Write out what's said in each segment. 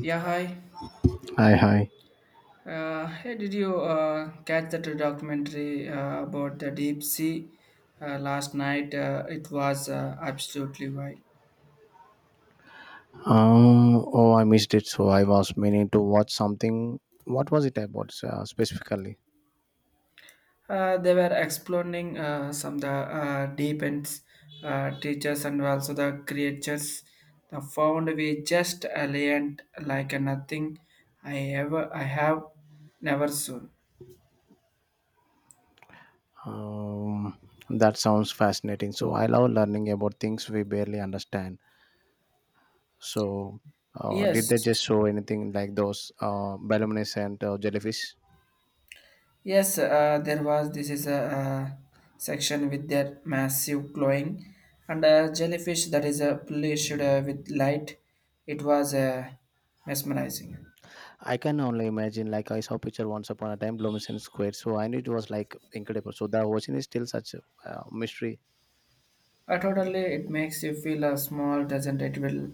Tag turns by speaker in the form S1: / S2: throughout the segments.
S1: Yeah, hi.
S2: Hi, hi.
S1: Hey, did you catch that documentary about the deep sea last night? It was absolutely wild.
S2: Oh, I missed it, so I was meaning to watch something. What was it about specifically?
S1: They were exploring some the deep ends, teachers and also the creatures. The found we just alien like nothing I have never seen.
S2: Um, that sounds fascinating. So I love learning about things we barely understand. So, did
S1: Yes,
S2: they just show anything like those bioluminescent jellyfish?
S1: Yes, there was. This is a section with their massive clawing, and a jellyfish that is polished with light. It was mesmerizing.
S2: I can only imagine. Like I saw picture once upon a time, luminescent squid. So I knew it was like incredible. So the ocean is still such a mystery.
S1: Totally, it makes you feel small, doesn't it? Will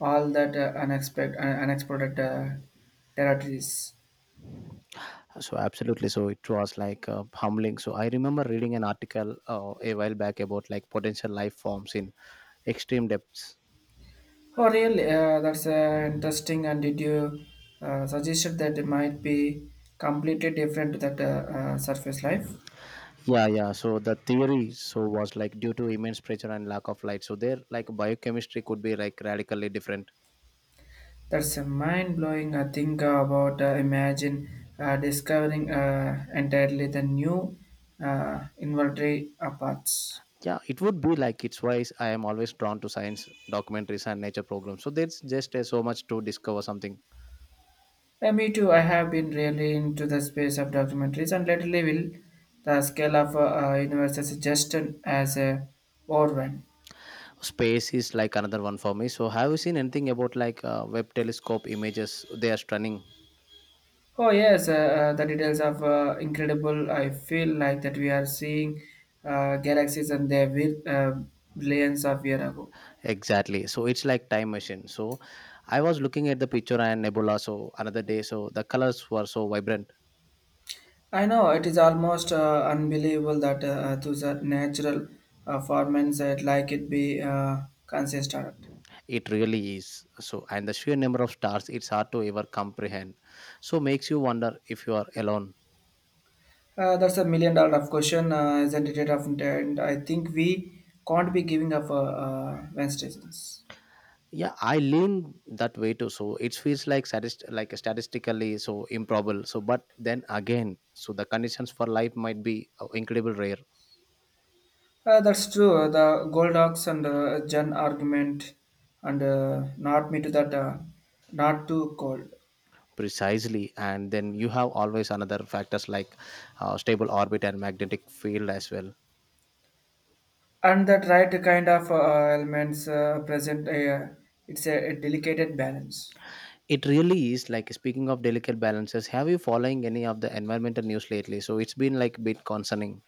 S1: all that unexpected, unexplored territories.
S2: So absolutely, so it was like humbling. So I remember reading an article a while back about like potential life forms in extreme depths.
S1: Oh, really? That's interesting. And did you suggest that it might be completely different to that surface life?
S2: Yeah, yeah. So the theory so was like due to immense pressure and lack of light. So their like biochemistry could be like radically different.
S1: That's a mind-blowing think about imagine discovering entirely the new inventory paths.
S2: Yeah, it would be like it's why I am always drawn to science documentaries and nature programs. So there's just so much to discover something.
S1: Me too. I have been really into the space of documentaries, and lately, will the scale of universe is just as a overwhelm.
S2: Space is like another one for me. So have you seen anything about like web telescope images? They are stunning.
S1: Oh yes, the details of incredible. I feel like that we are seeing galaxies and their billions of years ago.
S2: Exactly. So it's like time machine. So I was looking at the picture and nebula so another day so the colors were so vibrant.
S1: I know it is almost unbelievable that those are natural formats that like it be consistent.
S2: It really is. So and the sheer number of stars it's hard to ever comprehend. So makes you wonder if you are alone.
S1: That's a million dollar of question, isn't it? Of intent, I think we can't be giving up Wednesdays.
S2: Yeah, I lean that way too. So it feels like like statistically so improbable. So but then again, so the conditions for life might be incredible rare
S1: That's true. The Goldox and Jen argument, and not me to that, not too cold,
S2: precisely and then you have always another factors like stable orbit and magnetic field as well.
S1: and that right kind of elements present. It's a delicate balance.
S2: It really is like speaking of delicate balances. Have you following any of the environmental news lately? So it's been like a bit concerning,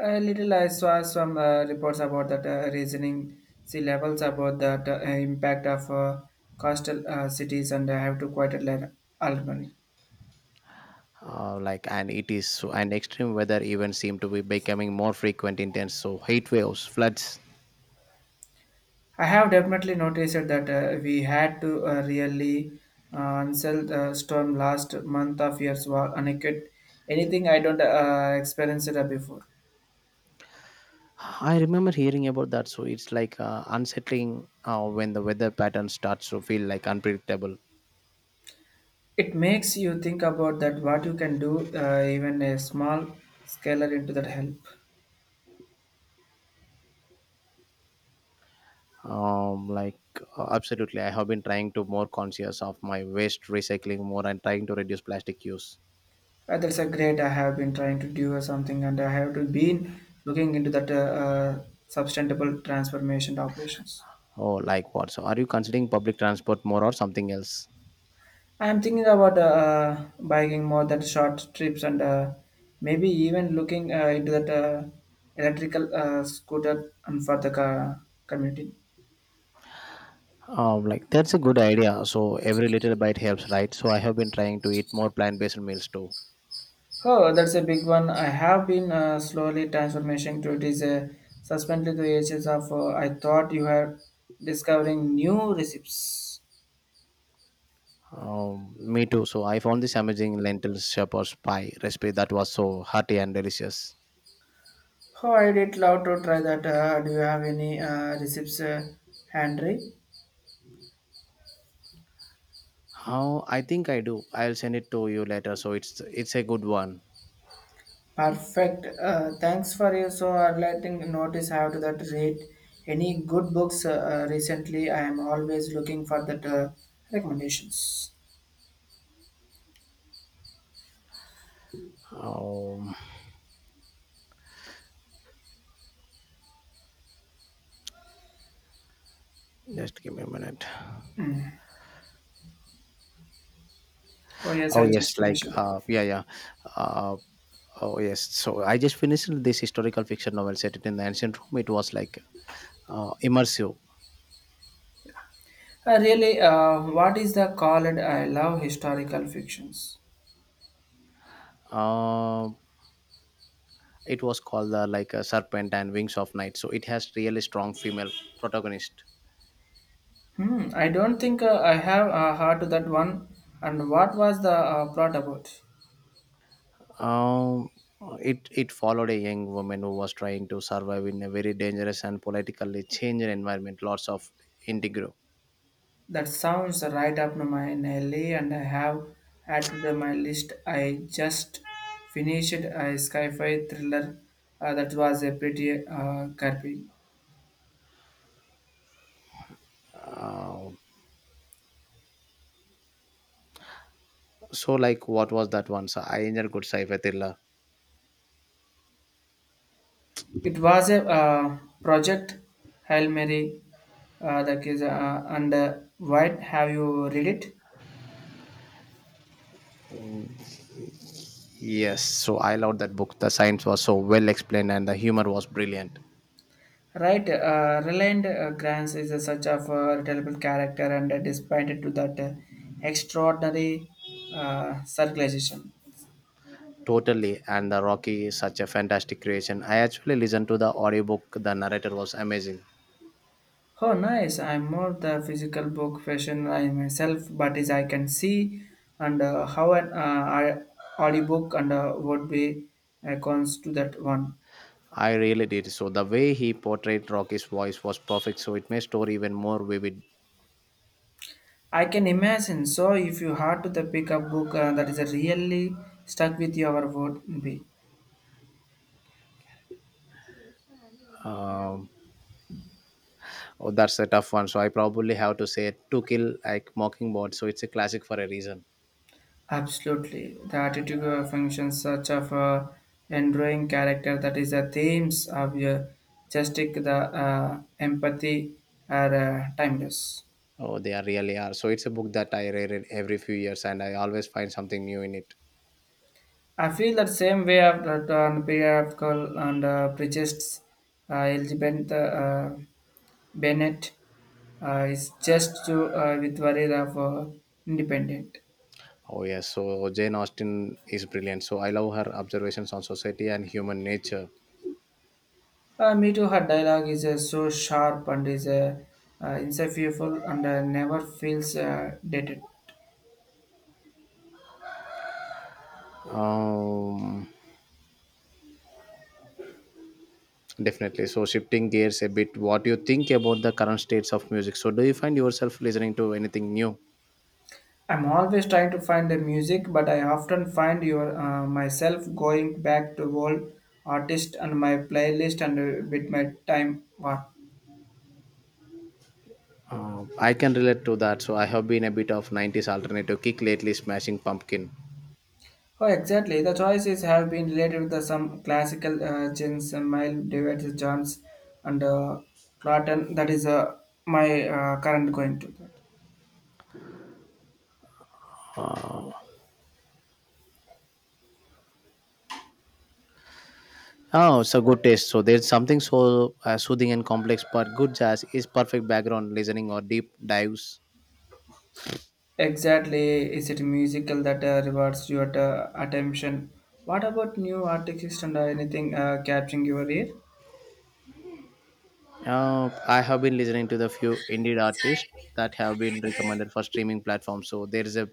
S1: A little, I saw some reports about that reasoning sea levels about that impact of coastal cities, and I have to quite a lot Albany.
S2: like and it is so, and extreme weather events seem to be becoming more frequent, intense. So heat waves, floods.
S1: I have definitely noticed that we had to really answer the storm last month of years was and anything I don't experience it before.
S2: I remember hearing about that. So it's like unsettling when the weather pattern starts to feel like unpredictable.
S1: It makes you think about that what you can do, even a small scalar into that help.
S2: Like absolutely, I have been trying to more conscious of my waste recycling more and trying to reduce plastic use.
S1: That's a great. I have been trying to do something, and I have to been looking into that sustainable transformation operations.
S2: Oh, like what? So, are you considering public transport more or something else?
S1: I am thinking about biking more than short trips, and maybe even looking into that electrical scooter and for the community.
S2: Like that's a good idea. So every little bite helps, right? So I have been trying to eat more plant-based meals too.
S1: Oh, that's a big one. I have been slowly transformation to it is a suspended the ages of. I thought you were discovering new recipes.
S2: Me too. So I found this amazing lentil shepherd's pie recipe that was so hearty and delicious.
S1: Oh, I did love to try that. Do you have any receipts, Henry?
S2: How I think I do. I'll send it to you later. So it's a good one.
S1: Perfect. Thanks for you. So, letting notice how to that rate. Any good books recently? I am always looking for that recommendations.
S2: Um, just give me a minute.
S1: Mm. Oh yes,
S2: Oh
S1: I just
S2: yes,
S1: finished
S2: like
S1: it.
S2: yeah, yeah. Uh, oh yes. So I just finished this historical fiction novel set it in the ancient Rome. It was like immersive.
S1: Really, what is the called? I love historical fictions.
S2: Uh, it was called the like a Serpent and Wings of Night. So it has really strong female protagonist.
S1: I don't think I have heard that one. And what was the plot about?
S2: Um, it followed a young woman who was trying to survive in a very dangerous and politically changed environment. Lots of integro.
S1: That sounds right up my alley, and I have added to my list. I just finished a sci-fi thriller that was a pretty gripping.
S2: Um, so like what was that one? So I enjoyed good sci-fi thriller.
S1: It was a project Hail Mary. That is, and why have you read it?
S2: Yes, so I loved that book. The science was so well explained and the humor was brilliant.
S1: Right, Reliant Grants is a such of a relatable character, and despite to that extraordinary circulation.
S2: Totally, and the Rocky is such a fantastic creation. I actually listened to the audiobook. The narrator was amazing.
S1: Oh, nice. I'm more the physical book version I myself, but is I can see and how an audiobook and would be cons to that one.
S2: I really did. So the way he portrayed Rocky's voice was perfect. So it made story even more vivid.
S1: I can imagine. So, if you had to the pick up book that is really stuck with your would be
S2: Um, oh, that's a tough one. So I probably have to say To Kill like Mockingbird. So it's a classic for a reason.
S1: absolutely the attitude functions such of a enduring character that is the themes of your justice, the empathy are timeless.
S2: Oh, they are really are. So it's a book that I read every few years, and I always find something new in it.
S1: I feel that same way of that on and prejudiced Elizabeth Bennett is just to with worry of independent.
S2: Oh yes. So Jane Austen is brilliant. So I love her observations on society and human nature.
S1: Me too. Her dialogue is so sharp and is insufferable and never feels dated.
S2: Um, Definitely. So, shifting gears a bit, what do you think about the current states of music? So, do you find yourself listening to anything new?
S1: I'm always trying to find the music, but I often find your myself going back to old artist and my playlist and with my time. Wow.
S2: I can relate to that. So, I have been a bit of 90s alternative kick lately, smashing pumpkin.
S1: Oh, exactly. The choices have been related to some classical gens, mild David Johns and Clapton. That is my current going to that.
S2: Oh, it's a good taste. So, there's something so soothing and complex, but good jazz is perfect background listening or deep dives.
S1: Exactly. Is it musical that rewards your attention? What about new artists and anything catching your ear?
S2: I have been listening to the few indie artists that have been recommended for streaming platforms. So, there is a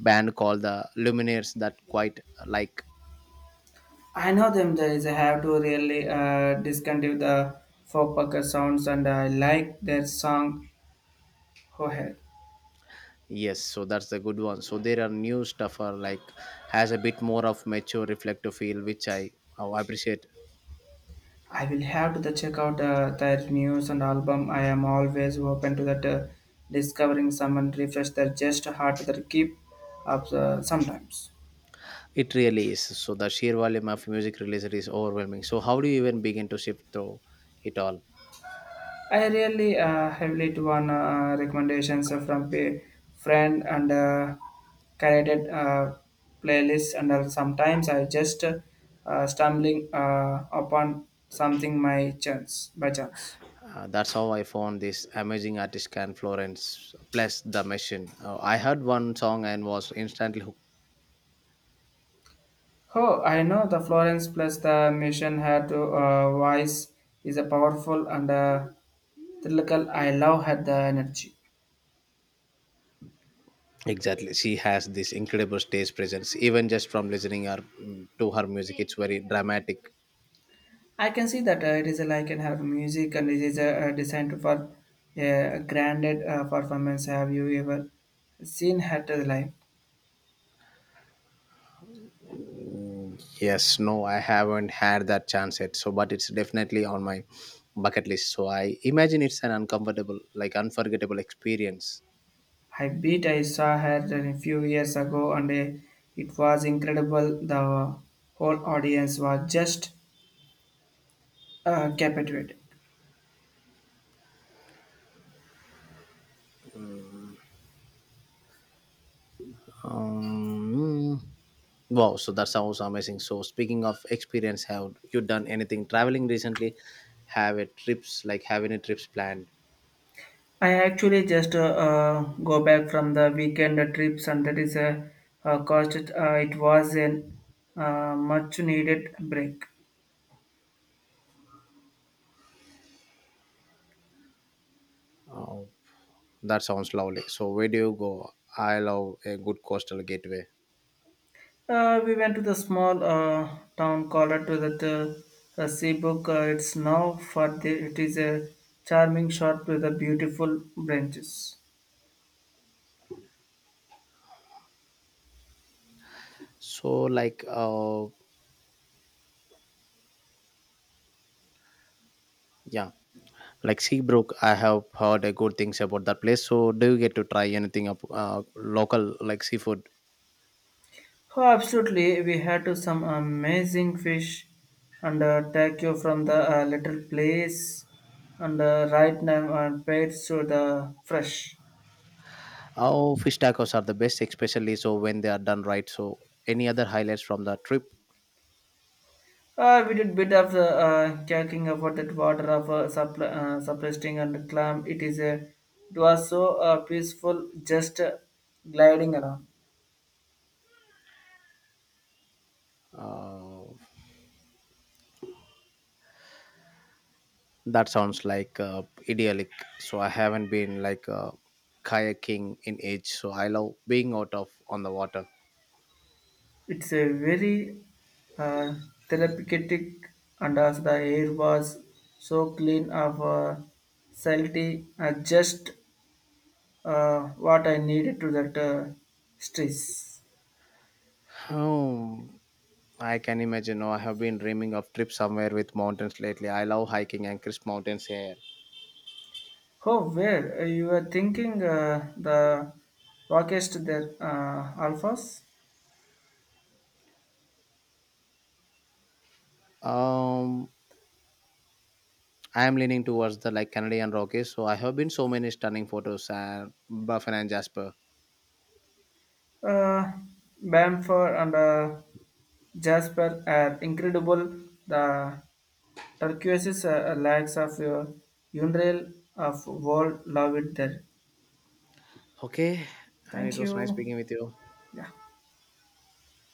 S2: band called the Luminaires that quite like.
S1: I know them. There is a have to really discontinue the folk sounds, and I like their song "Hohe."
S2: Yes, so that's the good one. So there are new stuff are like has a bit more of mature reflective feel, which I oh, appreciate.
S1: I will have to the check out their news and album. I am always open to that discovering someone refresh their just heart that keep up sometimes.
S2: It really is. So the sheer volume of music released is overwhelming. So how do you even begin to sift through it all?
S1: I really heavily to one recommendations from a friend and curated playlist and sometimes I just stumbling upon something my chance by chance.
S2: That's how I found this amazing artist Can Florence. Plus the machine. I heard one song and was instantly hooked.
S1: Oh, I know the Florence plus the mission had to voice is a powerful and lyrical. I love had the energy.
S2: Exactly, she has this incredible stage presence. Even just from listening her to her music, it's very dramatic.
S1: I can see that it is like and have music and it is designed for a granted performance. Have you ever seen her live?
S2: Yes, no, I haven't had that chance yet. So, but it's definitely on my bucket list. So, I imagine it's an uncomfortable, like unforgettable experience.
S1: I beat I saw her a few years ago and it was incredible. The whole audience was just captivated.
S2: Um, wow, so that sounds amazing. So, speaking of experience, have you done anything traveling recently? Have a trips, like have any trips planned?
S1: I actually just go back from the weekend trips, and that is a cost. It was a much needed break.
S2: Oh, that sounds lovely. So, where do you go? I love a good coastal gateway.
S1: We went to the small town called to the Seabook. It's now for the it is a charming shot with the beautiful branches.
S2: So, like, yeah. Like Seabrook, I have heard good things about that place. So, do you get to try anything up local like seafood?
S1: Oh, absolutely! We had to some amazing fish and taco from the little place and right now paid to the fresh.
S2: Oh, fish tacos are the best, especially so when they are done right. So, any other highlights from the trip?
S1: We did bit of the talking about that water of suppressing and clam. It is a it was so peaceful, just gliding around.
S2: Uh, that sounds like idyllic. So, I haven't been like kayaking in age. So, I love being out of on the water.
S1: It's a very uh, therapeutic, and as the air was so clean of salty, just uh, what I needed to that stress.
S2: Oh, I can imagine. Oh, I have been dreaming of trip somewhere with mountains lately. I love hiking and crisp mountains here.
S1: Oh, where you were thinking the rockest there, alphas?
S2: Um, I am leaning towards the like Canadian Rockies. So I have been so many stunning photos and Buffin and Jasper.
S1: Uh, Bamford and Jasper are incredible. The turquoise likes of your unreal of world love it there.
S2: Okay, and
S1: Thank
S2: it was nice
S1: you.
S2: speaking with you.
S1: Yeah.